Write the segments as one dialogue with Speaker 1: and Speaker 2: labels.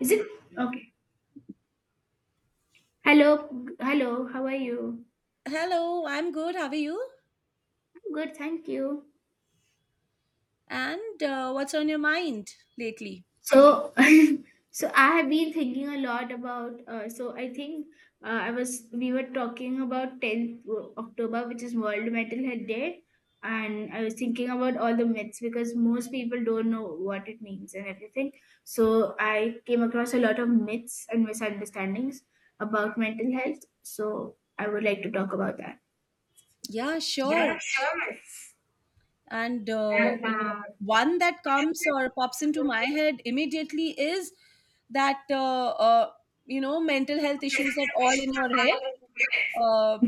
Speaker 1: Is it okay? Hello, hello. How are you?
Speaker 2: Hello, I'm good. How are you?
Speaker 1: I'm good, thank you.
Speaker 2: And what's on your mind lately?
Speaker 1: So, so I have been thinking a lot about. So I think I was We were talking about 10th October, which is World Mental Health Day, and I was thinking about all the myths because most people don't know what it means and everything. So I came across a lot of myths and misunderstandings about mental health. So I would like to talk about that.
Speaker 2: Yeah, sure. And one that comes or pops into my head immediately is that, you know, mental health issues are all in your head. Uh,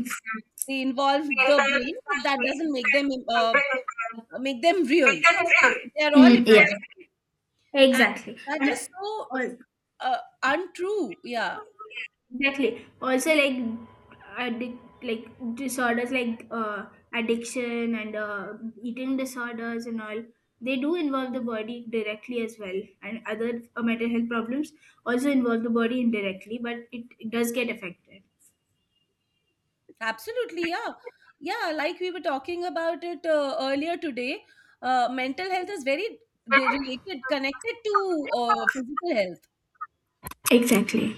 Speaker 2: they involve the brain, but that doesn't make them real. They are all
Speaker 1: Mm, yeah,
Speaker 2: imaginary, and
Speaker 1: exactly.
Speaker 2: that is so
Speaker 1: Al-
Speaker 2: uh, untrue. Yeah.
Speaker 1: Exactly. Also, like addic like disorders like addiction and eating disorders and all, they do involve the body directly as well, and other mental health problems also involve the body indirectly, but it does get affected.
Speaker 2: Absolutely, yeah. Yeah, like we were talking about it earlier today, mental health is very related, connected to physical health.
Speaker 1: Exactly.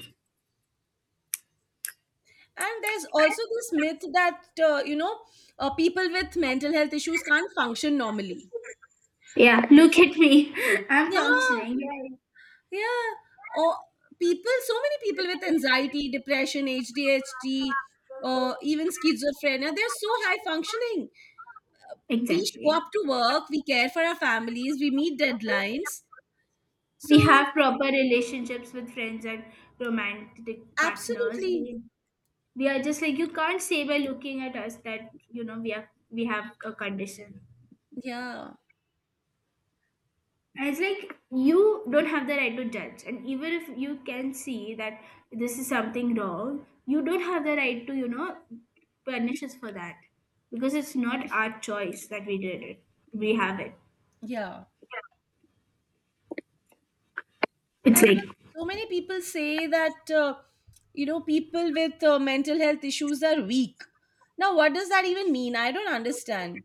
Speaker 2: And there's also this myth that, you know, people with mental health issues can't function normally.
Speaker 1: Yeah. Look at me. I'm
Speaker 2: Yeah,
Speaker 1: functioning. Yeah.
Speaker 2: yeah. Or people, so many people with anxiety, depression, ADHD, even schizophrenia, they're so high functioning. We show
Speaker 1: Exactly.
Speaker 2: up to work, we care for our families, we meet deadlines.
Speaker 1: We
Speaker 2: So,
Speaker 1: have proper relationships with friends and romantic partners.
Speaker 2: absolutely.
Speaker 1: We are just like you can't say by looking at us that you know we have a condition,
Speaker 2: Yeah.
Speaker 1: and it's like you don't have the right to judge, and even if you can see that this is something wrong, you don't have the right to, you know, punish us for that, because it's not our choice that we did it. We have it.
Speaker 2: Yeah.
Speaker 1: It's
Speaker 2: And
Speaker 1: like.
Speaker 2: then so many people say that, you know, people with mental health issues are weak. Now, what does that even mean? I don't understand.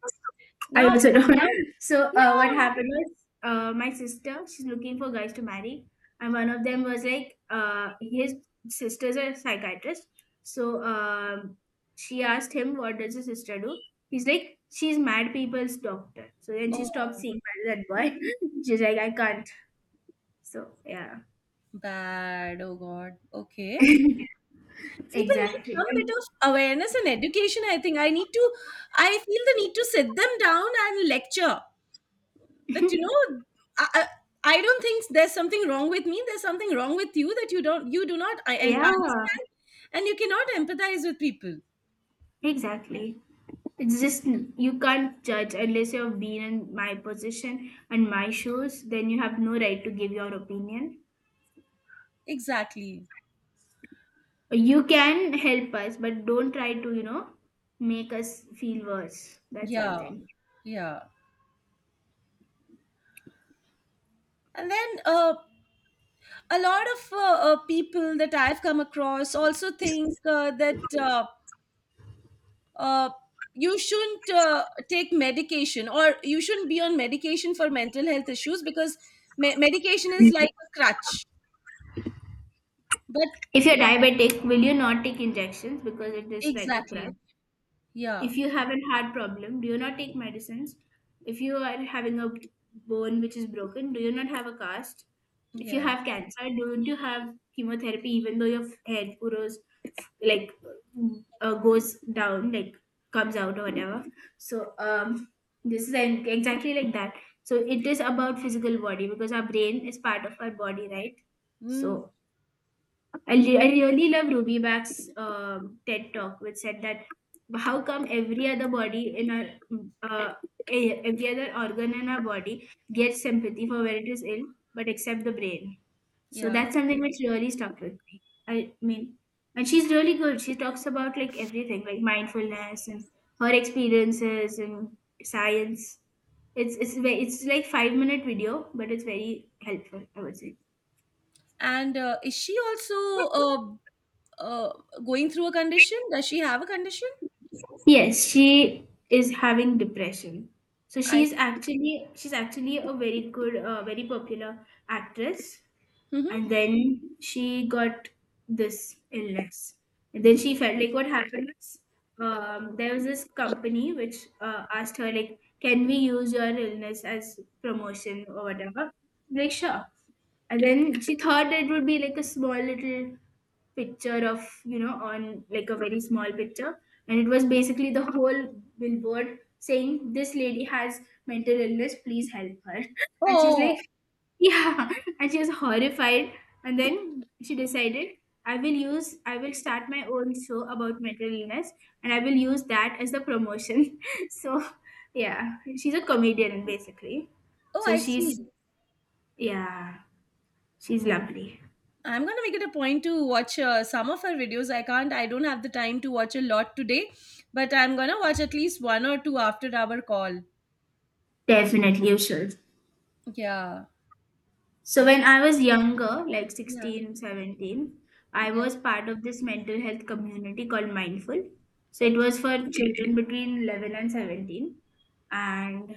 Speaker 1: I
Speaker 2: Now,
Speaker 1: also don't. So what
Speaker 2: yeah.
Speaker 1: happened was my sister, she's looking for guys to marry, and one of them was like, his sister's a psychiatrist. So she asked him, "What does your sister do?" He's like, "She's mad people's doctor." So then she stopped
Speaker 2: Oh,
Speaker 1: seeing that boy. She's like, "I can't." So yeah,
Speaker 2: bad. Oh, God. Okay. People need
Speaker 1: exactly.
Speaker 2: some bit of awareness and education, I think. I need to, I feel the need to sit them down and lecture. that you know I I don't think there's something wrong with me, there's something wrong with you, that you don't, you do not,
Speaker 1: Yeah,
Speaker 2: and understand, and you cannot empathize with people.
Speaker 1: exactly. It's just you can't judge unless you've been in my position and my shoes, then you have no right to give your opinion.
Speaker 2: Exactly.
Speaker 1: You can help us, but don't try to, make us feel worse. That's one
Speaker 2: Yeah.
Speaker 1: thing.
Speaker 2: Yeah. And then a lot of people that I've come across also think that uh, you shouldn't take medication or you shouldn't be on medication for mental health issues because medication is
Speaker 1: Mm.
Speaker 2: like a crutch. But
Speaker 1: If you're diabetic, will you not take injections because it is like a crutch?
Speaker 2: exactly. Yeah.
Speaker 1: If you have a heart problem, do you not take medicines? If you are having a bone which is broken, do you not have a cast? If you
Speaker 2: Yeah.
Speaker 1: have cancer, don't you have chemotherapy even though your head grows like goes down, like comes out or whatever? So this is exactly like that. So it is about physical body because our brain is part of our body, right?
Speaker 2: Mm,
Speaker 1: So I really love Ruby Bach's TED talk, which said that how come uh, every other organ in our body gets sympathy for when it is ill, but except the brain. So
Speaker 2: yeah.
Speaker 1: that's something which really stuck with me. I mean, and she's really good. She talks about like everything, like mindfulness and her experiences and science. It's like 5 minute video, but it's very helpful, I would say.
Speaker 2: And is she also uh, going through a condition? Does she have a condition?
Speaker 1: Yes, she is having depression. So
Speaker 2: I.
Speaker 1: she's actually a very good, very popular actress,
Speaker 2: hmm
Speaker 1: and then she got this illness, and then she felt like what happened was there was this company which asked her like, "Can we use your illness as promotion or whatever?" Like, sure. And then she thought it would be like a small little picture of, you know, on like a very small picture, and it was basically the whole billboard saying this lady has mental illness, please help her. And she's like,
Speaker 2: Oh,
Speaker 1: yeah. And she was horrified, and then she decided, I will start my own show about mental illness, and I will use that as the promotion. So yeah, she's a comedian basically.
Speaker 2: oh,
Speaker 1: So
Speaker 2: I see.
Speaker 1: she's Yeah, she's lovely.
Speaker 2: I'm gonna make it a point to watch some of her videos. I can't. I don't have the time to watch a lot today, but I'm gonna watch at least one or two after our call.
Speaker 1: Definitely you should.
Speaker 2: Yeah.
Speaker 1: So when I was younger, like
Speaker 2: Yeah.
Speaker 1: 16, 17, I
Speaker 2: Yeah.
Speaker 1: was part of this mental health community called Mindful. So it
Speaker 2: Okay.
Speaker 1: was for children between 11 and 17. And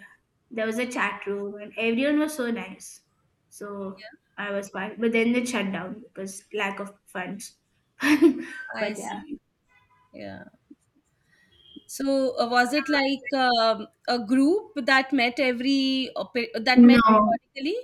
Speaker 1: there was a chat room and everyone was so nice. So
Speaker 2: Yeah.
Speaker 1: I was part, but then they shut down because lack of funds.
Speaker 2: I
Speaker 1: But yeah.
Speaker 2: see. Yeah. So was it like a group that met every that met
Speaker 1: No.
Speaker 2: periodically?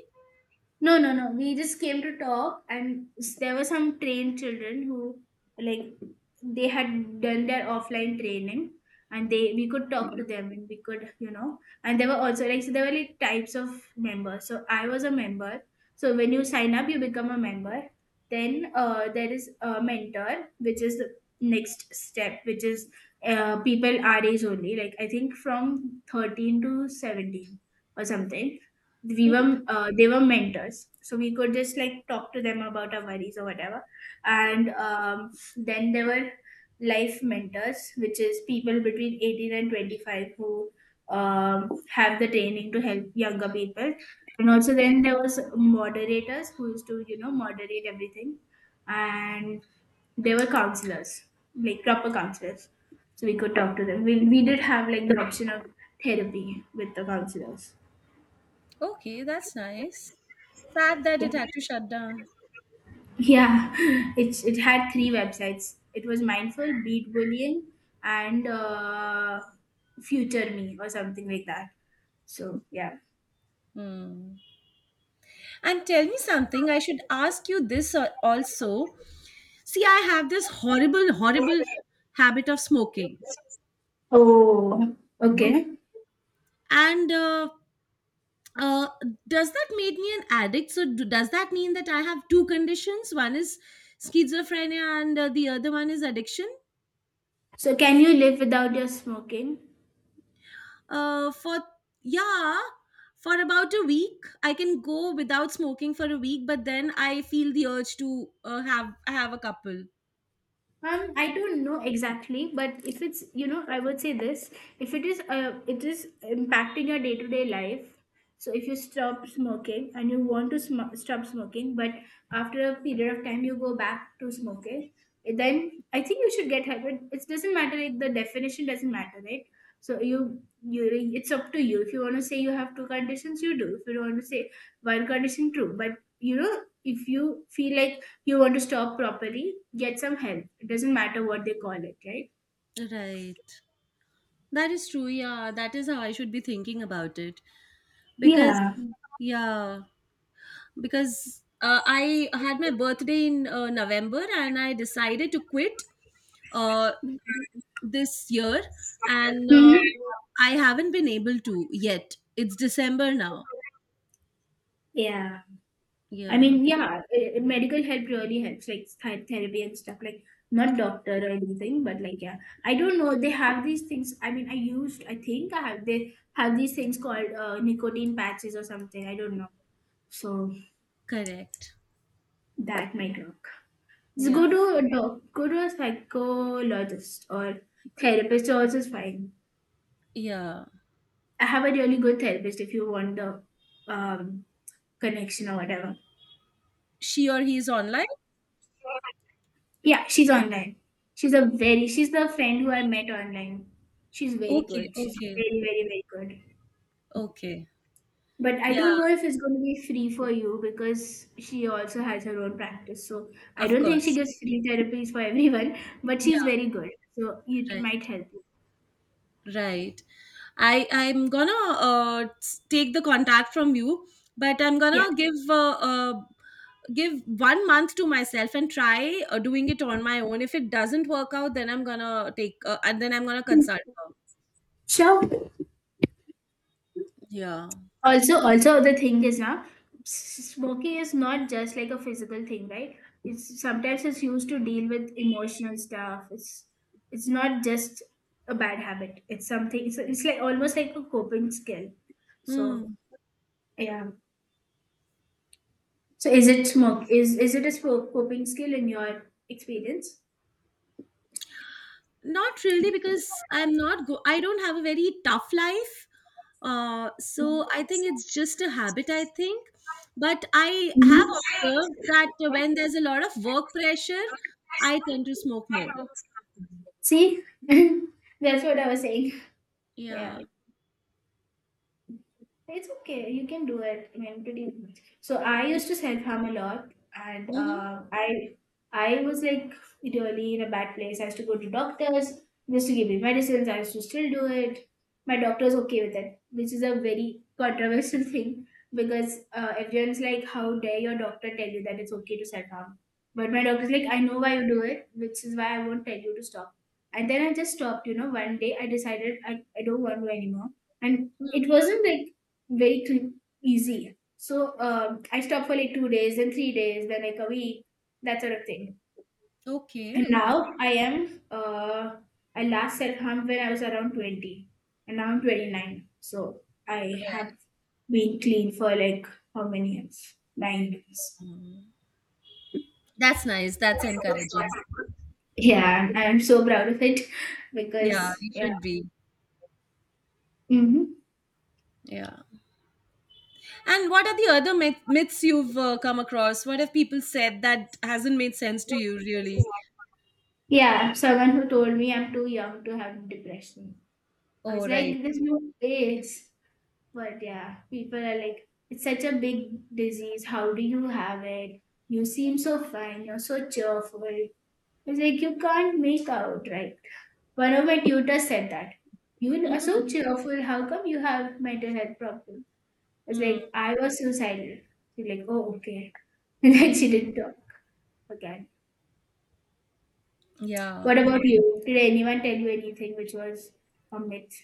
Speaker 1: No, no, no. We just came to talk, and there were some trained children who, like, they had done their offline training, and they we could talk to them, and we could, you know, and there were also like so there were like types of members. So I was a member. So when you sign up, you become a member. Then there is a mentor, which is the next step, which is people our age only. Like I think from 13 to 17 or something. we
Speaker 2: Mm-hmm.
Speaker 1: were uh, they were mentors, so we could just like talk to them about our worries or whatever. And then there were life mentors, which is people between 18 and 25 who have the training to help younger people. And also then there was moderators who used to, you know, moderate everything. And they were counselors, like proper counselors. So we could talk to them. We did have like the option of therapy with the counselors.
Speaker 2: Okay, that's nice. Sad that
Speaker 1: Yeah.
Speaker 2: it had to shut down.
Speaker 1: Yeah, it had three websites. It was Mindful, Beat Bullion, and Future Me or something like that. So yeah.
Speaker 2: Hmm. And tell me something, I should ask you this also. See, I have this horrible, horrible habit of smoking.
Speaker 1: Oh,
Speaker 2: Okay.
Speaker 1: okay.
Speaker 2: And uh, does that make me an addict? So, do, does that mean that I have two conditions? One is schizophrenia, and the other one is addiction.
Speaker 1: So can you live without your smoking?
Speaker 2: For Yeah, for about a week I can go without smoking for a week, but then I feel the urge to have a couple.
Speaker 1: I don't know exactly, but if it's, you know, I would say this: if it is, it is impacting your day to day life. So if you stop smoking and you want to stop smoking, but after a period of time you go back to smoking, then I think you should get help. It doesn't matter; like, the definition doesn't matter, right? So it's up to you. If you want to say you have two conditions, you do. If you don't want to say one condition, true. But, if you feel like you want to stop properly, get some help. It doesn't matter what they call it, right?
Speaker 2: Right, that is true. Yeah, that is how I should be thinking about it, because
Speaker 1: Yeah.
Speaker 2: yeah, because I had my birthday in November, and I decided to quit uh this year. And
Speaker 1: Hmm.
Speaker 2: I haven't been able to yet. It's December now.
Speaker 1: Yeah. I
Speaker 2: Yeah,
Speaker 1: mean, yeah, medical help really helps, like therapy and stuff, like not doctor or anything, but like yeah, I don't know. They have these things. I mean, I think I have they have these things called nicotine patches or something. I don't know. So
Speaker 2: correct.
Speaker 1: that might work. Just
Speaker 2: Yeah,
Speaker 1: go to a go to a psychologist or therapist. Also is fine.
Speaker 2: yeah.
Speaker 1: I have a really good therapist if you want the um, connection or whatever.
Speaker 2: She or he is online?
Speaker 1: Yeah, she's online. She's a very She's the friend who I met online. She's very
Speaker 2: Okay,
Speaker 1: good. She's
Speaker 2: okay,
Speaker 1: very, very, very good.
Speaker 2: okay.
Speaker 1: But I
Speaker 2: Yeah,
Speaker 1: don't know if it's gonna be free for you because she also has her own practice. So I
Speaker 2: of
Speaker 1: don't think she
Speaker 2: course.
Speaker 1: gives free therapies for everyone, but she's
Speaker 2: Yeah,
Speaker 1: very good. So it
Speaker 2: right,
Speaker 1: might help you.
Speaker 2: right. I'm gonna take the contact from you, but I'm
Speaker 1: Yeah.
Speaker 2: gonna give give one month to myself and try doing it on my own. If it doesn't work out, then I'm gonna take and then I'm gonna consult her.
Speaker 1: Sure.
Speaker 2: Yeah.
Speaker 1: Also, the thing is now, smoking is not just like a physical thing, right? It's sometimes it's used to deal with emotional stuff. It's not just a bad habit. It's something. It's like almost like a coping skill. So
Speaker 2: Hmm.
Speaker 1: yeah. So is it smoke? Is it a smoke coping skill in your experience?
Speaker 2: Not really, because I'm not go I don't have a very tough life. So I think it's just a habit, I think. But I have observed that when there's a lot of work pressure, I tend to smoke more.
Speaker 1: See, that's what I was saying.
Speaker 2: Yeah.
Speaker 1: Yeah. It's okay. You can do it. I mean, pretty. So I used to self harm a lot, and
Speaker 2: Mm-hmm.
Speaker 1: I was like really in a bad place. I used to go to doctors just to give me medicines. I used to still do it. My doctor's okay with it, which is a very controversial thing, because everyone's like, "How dare your doctor tell you that it's okay to self harm?" But my doctor's like, "I know why you do it, which is why I won't tell you to stop." And then I just stopped. You know, one day I decided I don't want to anymore, and it wasn't like very easy. So I stopped for like 2 days, then 3 days, then like a week, that sort of thing.
Speaker 2: Okay,
Speaker 1: And
Speaker 2: okay.
Speaker 1: now I last self harm when I was around 20, and now I'm 29. So I
Speaker 2: Right.
Speaker 1: have been clean for like how many years? 9 years.
Speaker 2: Mm. That's nice. That's encouraging.
Speaker 1: Yeah, and I'm so proud of it,
Speaker 2: Yeah,
Speaker 1: because,
Speaker 2: you
Speaker 1: yeah.
Speaker 2: should be.
Speaker 1: Mm-hmm.
Speaker 2: Yeah. And what are the other myths you've come across? What have people said that hasn't made sense to you, really?
Speaker 1: Yeah, someone who told me I'm too young to have depression. I
Speaker 2: Oh,
Speaker 1: was like,
Speaker 2: right.
Speaker 1: there's no place. But yeah, people are like, it's such a big disease. How do you have it? You seem so fine. You're so cheerful. It's like you can't make out, right? One of my tutors said that. You are so cheerful. How come you have mental health problem? I was
Speaker 2: Mm,
Speaker 1: like, I was suicidal. She's like, oh, okay. And
Speaker 2: mm,
Speaker 1: then she didn't talk again.
Speaker 2: yeah.
Speaker 1: What about you? Did anyone tell you anything which was a myth?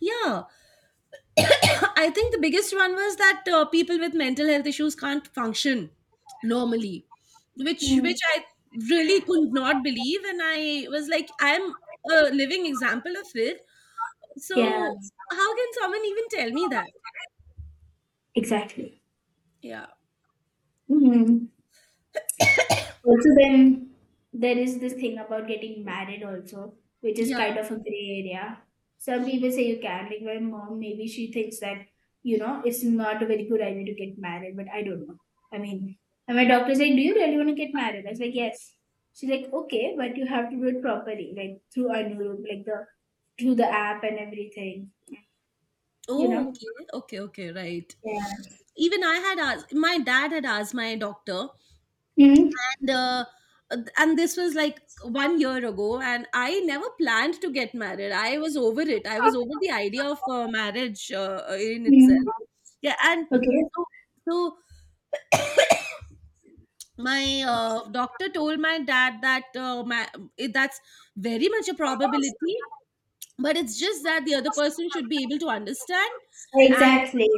Speaker 2: Yeah. I think the biggest one was that people with mental health issues can't function normally, which
Speaker 1: Mm.
Speaker 2: which I really could not believe, and I was like I'm a living example of it.
Speaker 1: Yeah,
Speaker 2: So how can someone even tell me that?
Speaker 1: exactly.
Speaker 2: Yeah.
Speaker 1: Mhm. Also, then there is this thing about getting married also, which is
Speaker 2: Yeah.
Speaker 1: kind of a gray area. Some people say you can. Like my mom, maybe she thinks that it's not a very good idea to get married, but I don't know. I mean, and my doctor said, "Do you really want to get married?" I was like, "Yes." She's like, "Okay, but you have to do it properly, like through Anurup, like the through the app and everything, you
Speaker 2: Oh,
Speaker 1: know."
Speaker 2: okay. Okay, okay, right.
Speaker 1: Yeah.
Speaker 2: Even I had asked My dad had asked my doctor,
Speaker 1: Hmm.
Speaker 2: and uh, and this was like one year ago, and I never planned to get married. I was over it, I was over the idea of marriage in
Speaker 1: Hmm.
Speaker 2: itself. Yeah, and
Speaker 1: Okay.
Speaker 2: so, so my doctor told my dad that that's very much a probability, but it's just that the other person should be able to understand, and
Speaker 1: Exactly.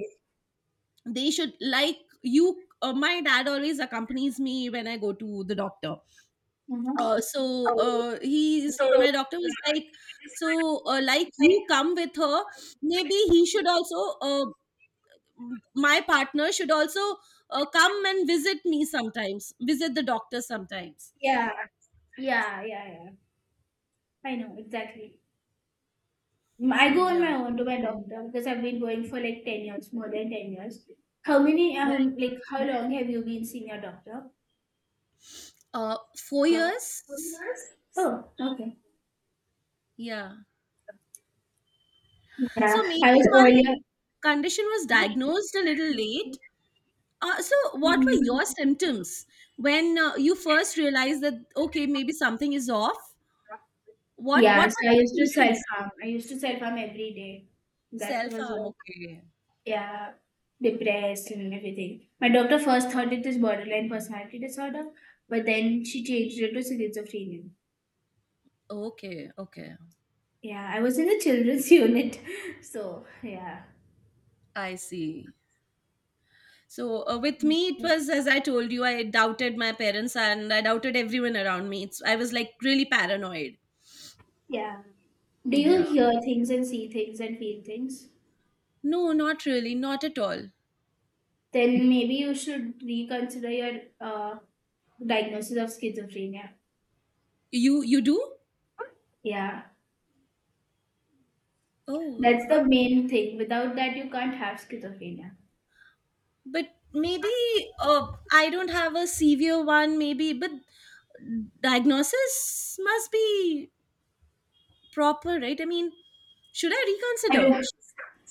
Speaker 2: they should like you. My dad always accompanies me when I go to the doctor.
Speaker 1: Uh-huh.
Speaker 2: So he's my doctor was like, so like you come with her, maybe he should also uh, my partner should also come and visit me sometimes, visit the doctor sometimes.
Speaker 1: Yeah, yeah, yeah, yeah. I know exactly. I
Speaker 2: Mm,
Speaker 1: go on my
Speaker 2: yeah,
Speaker 1: own to my doctor because I've been going for like 10 years, more than 10 years. How many?
Speaker 2: right.
Speaker 1: Like how long have you been seeing your doctor?
Speaker 2: Four
Speaker 1: Four
Speaker 2: years.
Speaker 1: years. Oh, okay.
Speaker 2: Yeah.
Speaker 1: Yeah,
Speaker 2: So
Speaker 1: I
Speaker 2: maybe
Speaker 1: was
Speaker 2: my
Speaker 1: earlier.
Speaker 2: condition was diagnosed a little late. So what were your symptoms when you first realized that okay, maybe something is off? What
Speaker 1: Yeah,
Speaker 2: what
Speaker 1: so I
Speaker 2: were
Speaker 1: used to
Speaker 2: your
Speaker 1: self
Speaker 2: symptoms?
Speaker 1: harm. I used to self harm every day. That
Speaker 2: Self
Speaker 1: was
Speaker 2: harm,
Speaker 1: like,
Speaker 2: okay.
Speaker 1: yeah, depressed and everything. My doctor first thought it is borderline personality disorder, but then she changed it to schizophrenia.
Speaker 2: Okay, okay.
Speaker 1: Yeah, I was in the children's unit. So, yeah.
Speaker 2: I see. So, with me, it was, as I told you, I doubted my parents and I doubted everyone around me. It's, I was like really paranoid.
Speaker 1: Yeah. Do you
Speaker 2: Yeah.
Speaker 1: hear things and see things and feel things?
Speaker 2: No, not really, not at all.
Speaker 1: Then maybe you should reconsider your diagnosis of schizophrenia.
Speaker 2: You do?
Speaker 1: Yeah.
Speaker 2: Oh,
Speaker 1: That's the main thing. Without that, you can't have schizophrenia.
Speaker 2: but maybe I don't have a severe one. Maybe, but diagnosis must be proper, right? I mean, should I reconsider?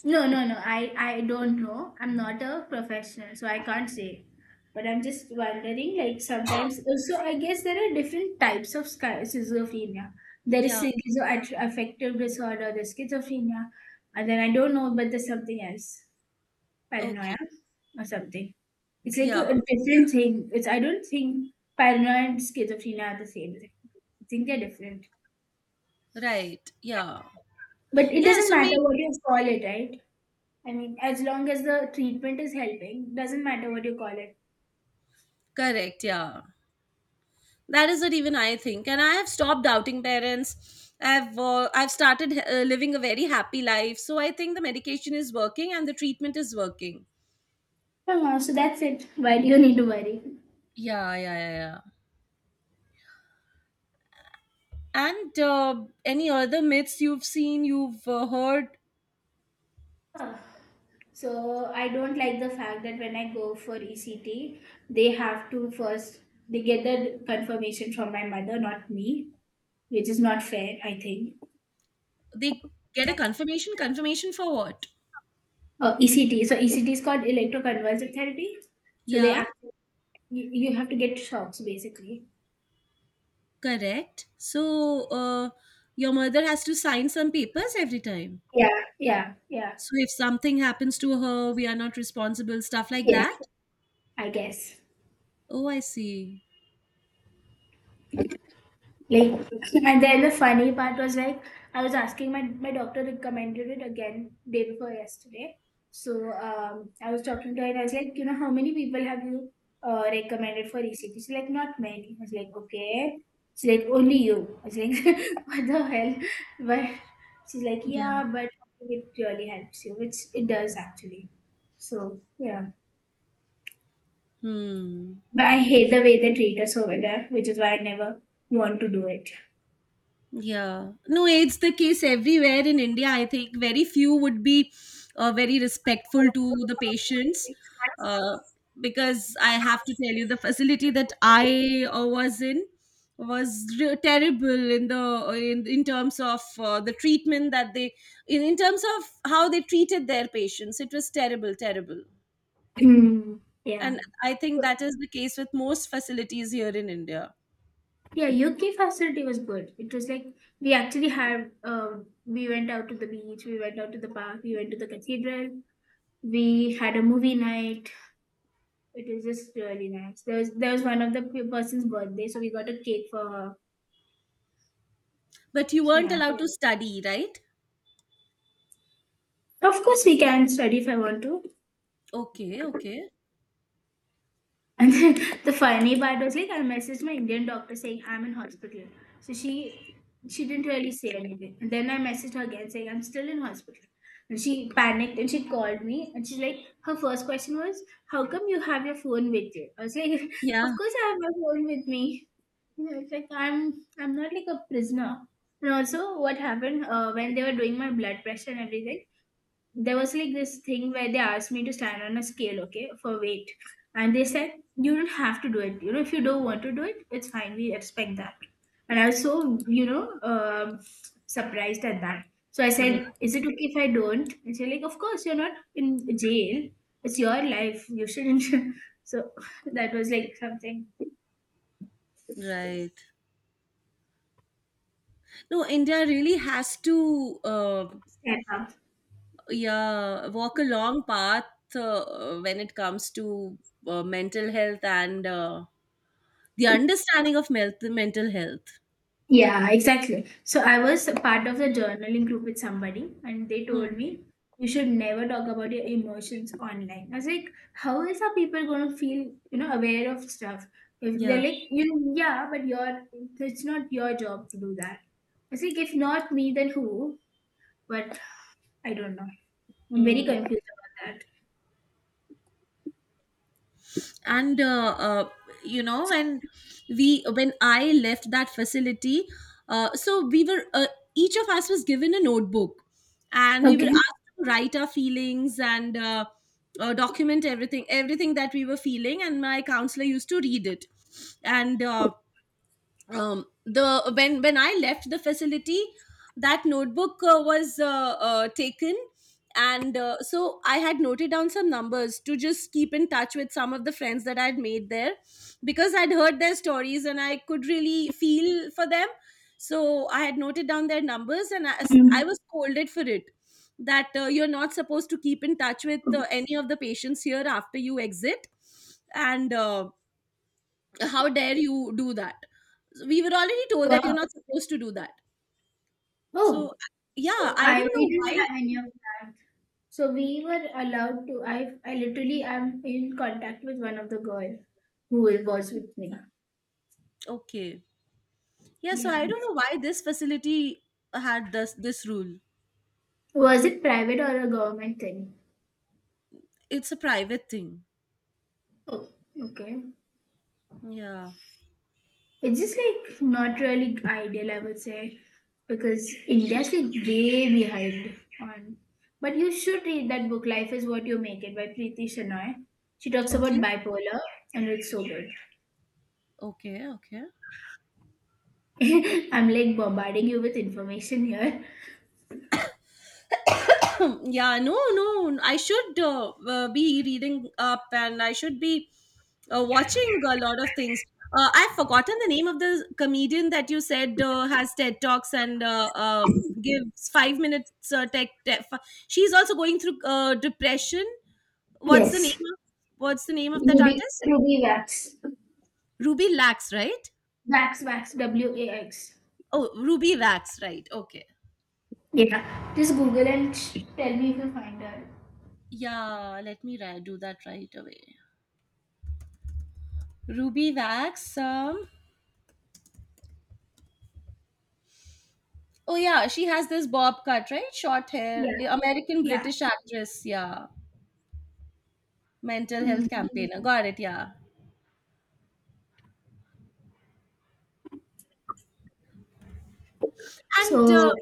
Speaker 1: No, no, no. I don't know. I'm not a professional, so I can't say. But I'm just wondering, like sometimes. So I guess there are different types of schizophrenia. There is
Speaker 2: Yeah.
Speaker 1: schizoaffective disorder, there's schizophrenia, and then I don't know, but there's something else,
Speaker 2: Okay.
Speaker 1: paranoia or something. It's like a
Speaker 2: Yeah.
Speaker 1: a different thing. It's I don't think paranoia and schizophrenia are the same thing. I think they're different.
Speaker 2: Right. Yeah.
Speaker 1: But it
Speaker 2: Yeah,
Speaker 1: doesn't
Speaker 2: so
Speaker 1: matter
Speaker 2: maybe
Speaker 1: what you call it, right? I mean, as long as the treatment is helping, doesn't matter what you call it.
Speaker 2: correct. Yeah, that is what even I think, and I have stopped doubting parents. I've started living a very happy life, so I think the medication is working and the treatment is working.
Speaker 1: So that's it. Why do you need to worry?
Speaker 2: Yeah, yeah, yeah, yeah. And any other myths you've seen, you've heard?
Speaker 1: Ah. So I don't like the fact that when I go for ECT, they have to first they get the confirmation from my mother, not me, which is not fair, I think.
Speaker 2: They get a confirmation. Confirmation for what?
Speaker 1: ECT. So ECT is called electroconvulsive therapy. So they
Speaker 2: Yeah,
Speaker 1: act- you, you have to get shocks basically.
Speaker 2: correct. So your mother has to sign some papers every time.
Speaker 1: Yeah, yeah, yeah,
Speaker 2: So if something happens to her, we are not responsible. Stuff like
Speaker 1: yeah.
Speaker 2: that.
Speaker 1: I guess.
Speaker 2: Oh, I see.
Speaker 1: Like, and then the funny part was like, I was asking my doctor recommended it again day before yesterday. So I was talking to her and I was like, how many people have you recommended for ECT? She's like, not many. I was like, okay. She's like, only you. I was like, what the hell? But she's like,
Speaker 2: Yeah.
Speaker 1: yeah, but it really helps you, which it does actually. So yeah,
Speaker 2: Hmm.
Speaker 1: but I hate the way they treat us over there, which is why I never want to do it.
Speaker 2: Yeah. No, it's the case everywhere in India. I think very few would be very respectful to the patients. Uh, because I have to tell you, the facility that I was in was terrible in the in terms of the treatment that they in terms of how they treated their patients. It was terrible, terrible.
Speaker 1: Hmm. Yeah.
Speaker 2: And I think that is the case with most facilities here in India.
Speaker 1: Yeah, UK facility was good. It was like we actually had we went out to the beach, we went out to the park, we went to the cathedral, we had a movie night. It was just really nice. There was one of the person's birthday, so we got a cake for her.
Speaker 2: But you
Speaker 1: So
Speaker 2: weren't
Speaker 1: yeah.
Speaker 2: allowed to study, right?
Speaker 1: Of course we can study if I want to.
Speaker 2: Okay, okay.
Speaker 1: And then the funny part was like I messaged my Indian doctor saying I'm in hospital. So she didn't really say anything. And then I messaged her again saying I'm still in hospital. And she panicked and she called me and she's like her first question was, "How come you have your phone with you?" I was like,
Speaker 2: Yeah,
Speaker 1: "Of course I have my phone with me." You know, it's like I'm not like a prisoner. And also what happened when they were doing my blood pressure and everything, there was like this thing where they asked me to stand on a scale, okay, for weight. And they said, "You don't have to do it. You know, if you don't want to do it, it's fine. We respect that." And I was so, surprised at that. So I
Speaker 2: yeah,
Speaker 1: said, "Is it okay if I don't?" And she's like, "Of course, you're not in jail. It's your life. You shouldn't." So that was like something.
Speaker 2: right. No, India really has to,
Speaker 1: Stand up.
Speaker 2: yeah, walk a long path when it comes to mental health and the understanding of mental health.
Speaker 1: Yeah, exactly. So I was a part of the journaling group with somebody, and they told
Speaker 2: Mm,
Speaker 1: me you should never talk about your emotions online. I was like, how is our people going to feel, aware of stuff? If they're
Speaker 2: yeah.
Speaker 1: like, you know, yeah, but your it's not your job to do that. I was like, if not me, then who? But I don't know. I'm very
Speaker 2: Mm.
Speaker 1: confused about that.
Speaker 2: And you know, when we when I left that facility, so we were each of us was given a notebook and we were
Speaker 1: Okay.
Speaker 2: asked to write our feelings and document everything that we were feeling, and my counselor used to read it. And the when I left the facility, that notebook was taken. And so I had noted down some numbers to just keep in touch with some of the friends that I had made there, because I'd heard their stories and I could really feel for them. So I had noted down their numbers, and I
Speaker 1: Mm.
Speaker 2: was scolded for it. That you're not supposed to keep in touch with any of the patients here after you exit, and how dare you do that. So, we were already told that you're not
Speaker 1: Wow.
Speaker 2: supposed to do that, so
Speaker 1: Oh,
Speaker 2: yeah,
Speaker 1: so
Speaker 2: I
Speaker 1: I
Speaker 2: don't
Speaker 1: we
Speaker 2: know
Speaker 1: didn't
Speaker 2: why.
Speaker 1: have any of that. So we were allowed to. I literally am in contact with one of the girl who was with me.
Speaker 2: Okay, yeah, so
Speaker 1: Yeah.
Speaker 2: I don't know why this facility had this rule.
Speaker 1: Was it private or a government thing?
Speaker 2: It's a private thing.
Speaker 1: Oh, okay.
Speaker 2: Yeah.
Speaker 1: It's just like not really ideal, I would say, because India's like way behind on. But you should read that book, Life is What You Make It by Preeti Shanoy. She talks about
Speaker 2: Okay,
Speaker 1: bipolar and it's so good.
Speaker 2: okay, okay.
Speaker 1: I'm like bombarding you with information here.
Speaker 2: Yeah, no, no, I should be reading up, and I should be watching a lot of things. I've forgotten the name of the comedian that you said has TED talks, and gives 5 minutes tech, tech she's also going through depression. what's the
Speaker 1: Yes.
Speaker 2: name of, what's the name of that
Speaker 1: Ruby,
Speaker 2: artist?
Speaker 1: Ruby Wax.
Speaker 2: Ruby Lax, right?
Speaker 1: Wax, wax, W A X.
Speaker 2: Oh, Ruby Wax, right. Okay.
Speaker 1: Yeah, just Google and tell me if you find her.
Speaker 2: Yeah, let me do that right away. Ruby Wax, um. Oh yeah, she has this bob cut, right? Short hair,
Speaker 1: Yeah,
Speaker 2: American
Speaker 1: yeah.
Speaker 2: British actress. Yeah, mental health
Speaker 1: Mhm.
Speaker 2: campaigner. Got it. Yeah. And
Speaker 1: So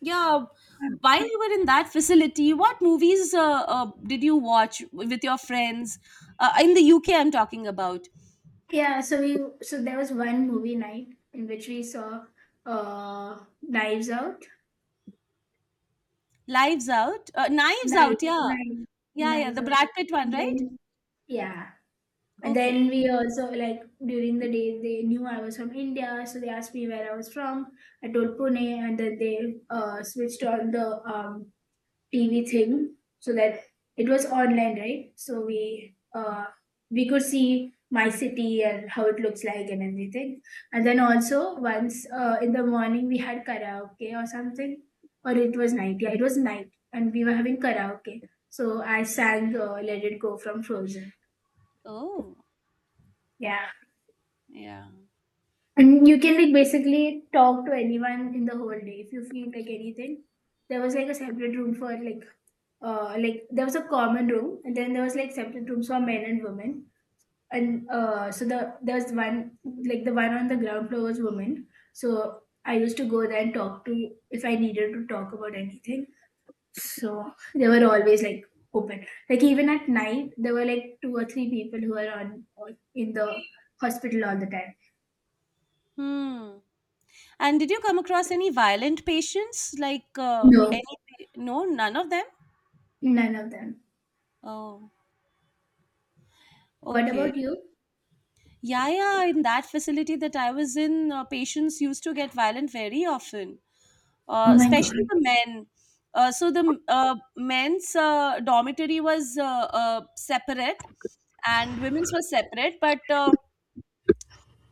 Speaker 2: yeah, while you were in that facility, what movies did you watch with your friends in the UK? I'm talking about
Speaker 1: yeah, so we so there was one movie night in which we saw Knives Out,
Speaker 2: Lives Out, Knives Out.
Speaker 1: Knives,
Speaker 2: Yeah,
Speaker 1: Knives,
Speaker 2: yeah, yeah.
Speaker 1: Knives
Speaker 2: The
Speaker 1: Out,
Speaker 2: Brad Pitt one,
Speaker 1: and
Speaker 2: right?
Speaker 1: then yeah, and
Speaker 2: Okay.
Speaker 1: then we also like during the day they knew I was from India, so they asked me where I was from. I told Pune, and then they switched on the TV thing, so that it was online, right? So we could see my city and how it looks like and everything. And then also once in the morning we had karaoke or something, or it was night. Yeah, it was night, and we were having karaoke. So I sang "Let It Go" from Frozen.
Speaker 2: Oh,
Speaker 1: Yeah.
Speaker 2: yeah.
Speaker 1: And you can like basically talk to anyone in the whole day if you feel like anything. There was like a separate room for like there was a common room and then there was like separate rooms for men and women. And so there was one like the one on the ground floor was women. So I used to go there and talk to if I needed to talk about anything. So they were always like open. Like even at night there were like two or three people who were in the hospital all the time.
Speaker 2: Hmm. And did you come across any violent patients? Like
Speaker 1: No,
Speaker 2: any? No, none of them.
Speaker 1: none of them.
Speaker 2: Oh,
Speaker 1: What
Speaker 2: okay.
Speaker 1: about you?
Speaker 2: Yeah, yeah. In that facility that I was in, patients used to get violent very often,
Speaker 1: Oh my god.
Speaker 2: especially the men. So the men's dormitory was separate, and women's was separate. But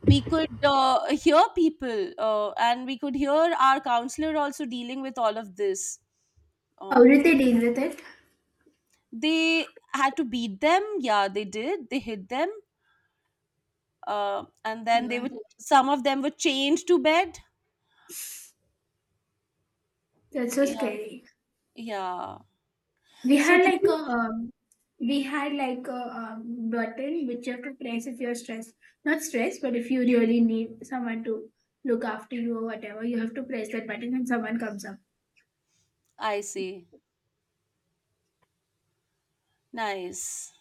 Speaker 2: we could hear people, and we could hear our counselor also dealing with all of this.
Speaker 1: How
Speaker 2: Um,
Speaker 1: did they deal with it?
Speaker 2: they had to beat them. Yeah, they did. They hit them and then they
Speaker 1: God.
Speaker 2: would, some of them were chained to bed.
Speaker 1: That's so
Speaker 2: Yeah,
Speaker 1: scary.
Speaker 2: yeah,
Speaker 1: We
Speaker 2: so
Speaker 1: had
Speaker 2: the
Speaker 1: like a
Speaker 2: two,
Speaker 1: um, we had like a button which you have to press if you're stressed. Not stressed, but if you really need someone to look after you or whatever, you have to press that button and someone comes up.
Speaker 2: I see, nice.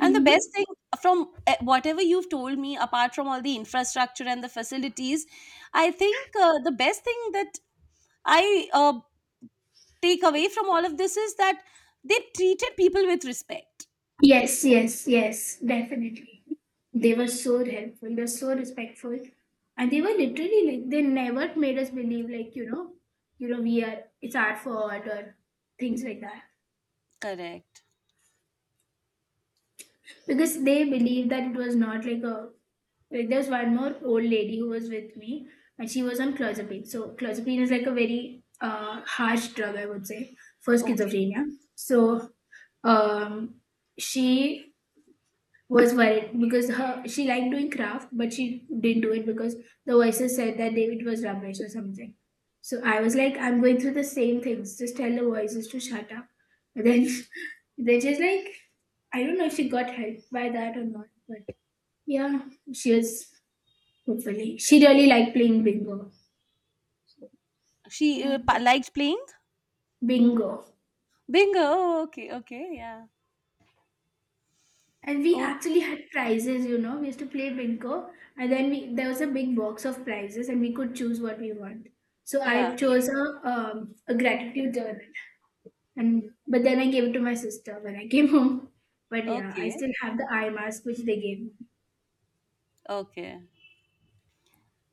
Speaker 2: And the best
Speaker 1: Mhm.
Speaker 2: thing from whatever you've told me, apart from all the infrastructure and the facilities, I think the best thing that I take away from all of this is that they treated people with respect.
Speaker 1: Yes, yes, yes, definitely. They were so helpful. They were so respectful, and they were literally like they never made us believe like we are it's our fault or things like that.
Speaker 2: Correct.
Speaker 1: Because they believed that it was not like a like there was one more old lady who was with me, and she was on clozapine. So clozapine is like a very harsh drug, I would say, for
Speaker 2: Okay.
Speaker 1: schizophrenia. So um, she was worried because her she liked doing craft, but she didn't do it because the voices said that David was rubbish or something. So I was like, I'm going through the same things. Just tell the voices to shut up. But then they just like I don't know if she got help by that or not, but yeah, she was hopefully she really liked playing bingo.
Speaker 2: She
Speaker 1: Yeah,
Speaker 2: liked playing
Speaker 1: bingo.
Speaker 2: bingo. Okay, okay, yeah.
Speaker 1: And we
Speaker 2: Oh,
Speaker 1: actually had prizes, you know. We used to play bingo, and then we there was a big box of prizes, and we could choose what we want. So
Speaker 2: yeah.
Speaker 1: I chose a gratitude journal, and but then I gave it to my sister when I came home. But yeah, I
Speaker 2: Okay,
Speaker 1: still have the eye mask which they gave me.
Speaker 2: okay.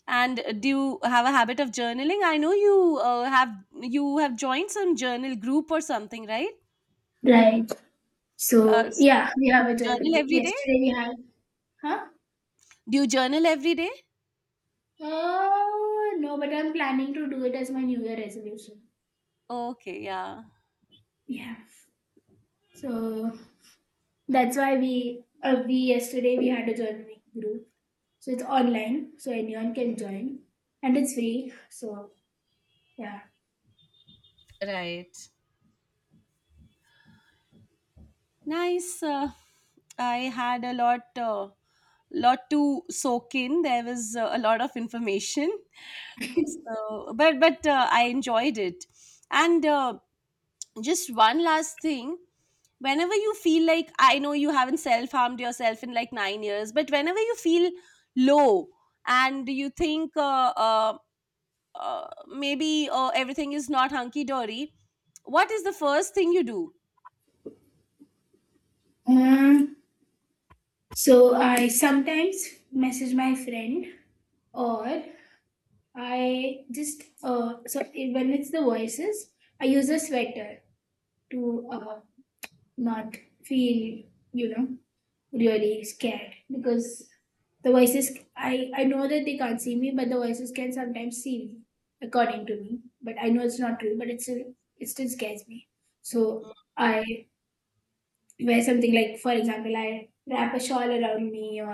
Speaker 2: And do you have a habit of journaling? I know you have you have joined some journal group or something, right?
Speaker 1: Right.
Speaker 2: Uh,
Speaker 1: So
Speaker 2: s-
Speaker 1: yeah, we have a journal.
Speaker 2: Journal every day.
Speaker 1: Yesterday we had, huh?
Speaker 2: Do you journal every day?
Speaker 1: Oh no, but I'm planning to do it as my New Year resolution.
Speaker 2: Okay, yeah,
Speaker 1: Yeah. So that's why we yesterday we had a journaling group. So it's online, so anyone can join, and it's free. So yeah.
Speaker 2: right. Nice. I had a lot, to soak in. There was a lot of information, so but I enjoyed it, and. Just one last thing, whenever you feel, like, I know you haven't self harmed yourself in like 9 years, but whenever you feel low, and you think maybe everything is not hunky dory, what is the first thing you do?
Speaker 1: Um, so I sometimes message my friend, or I just so when it's the voices, I use a sweater to not feel you know really scared, because the voices I know that they can't see me, but the voices can sometimes see me, according to me, but I know it's not true, but it's still, it still scares me. So
Speaker 2: Mm,
Speaker 1: I wear something, like for example I wrap a shawl around me, or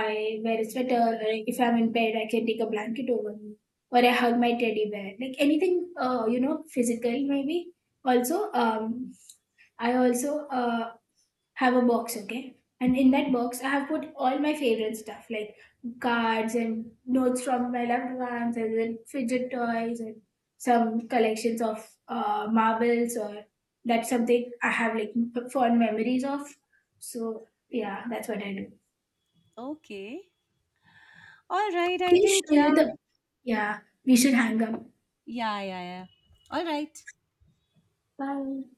Speaker 1: I wear a sweater, or if I'm in bed I can take a blanket over me, or I hug my teddy bear, like anything physical maybe. Also um i also uh, have a box, okay? And in that box, I have put all my favorite stuff like cards and notes from my loved ones, and then fidget toys, and some collections of marbles, or that's something I have like fond memories of. So, yeah, that's what I do.
Speaker 2: okay, all right, I
Speaker 1: Can you
Speaker 2: think,
Speaker 1: show you
Speaker 2: yeah,
Speaker 1: the. Yeah, we should hang up.
Speaker 2: yeah, yeah, yeah, all right.
Speaker 1: Bye.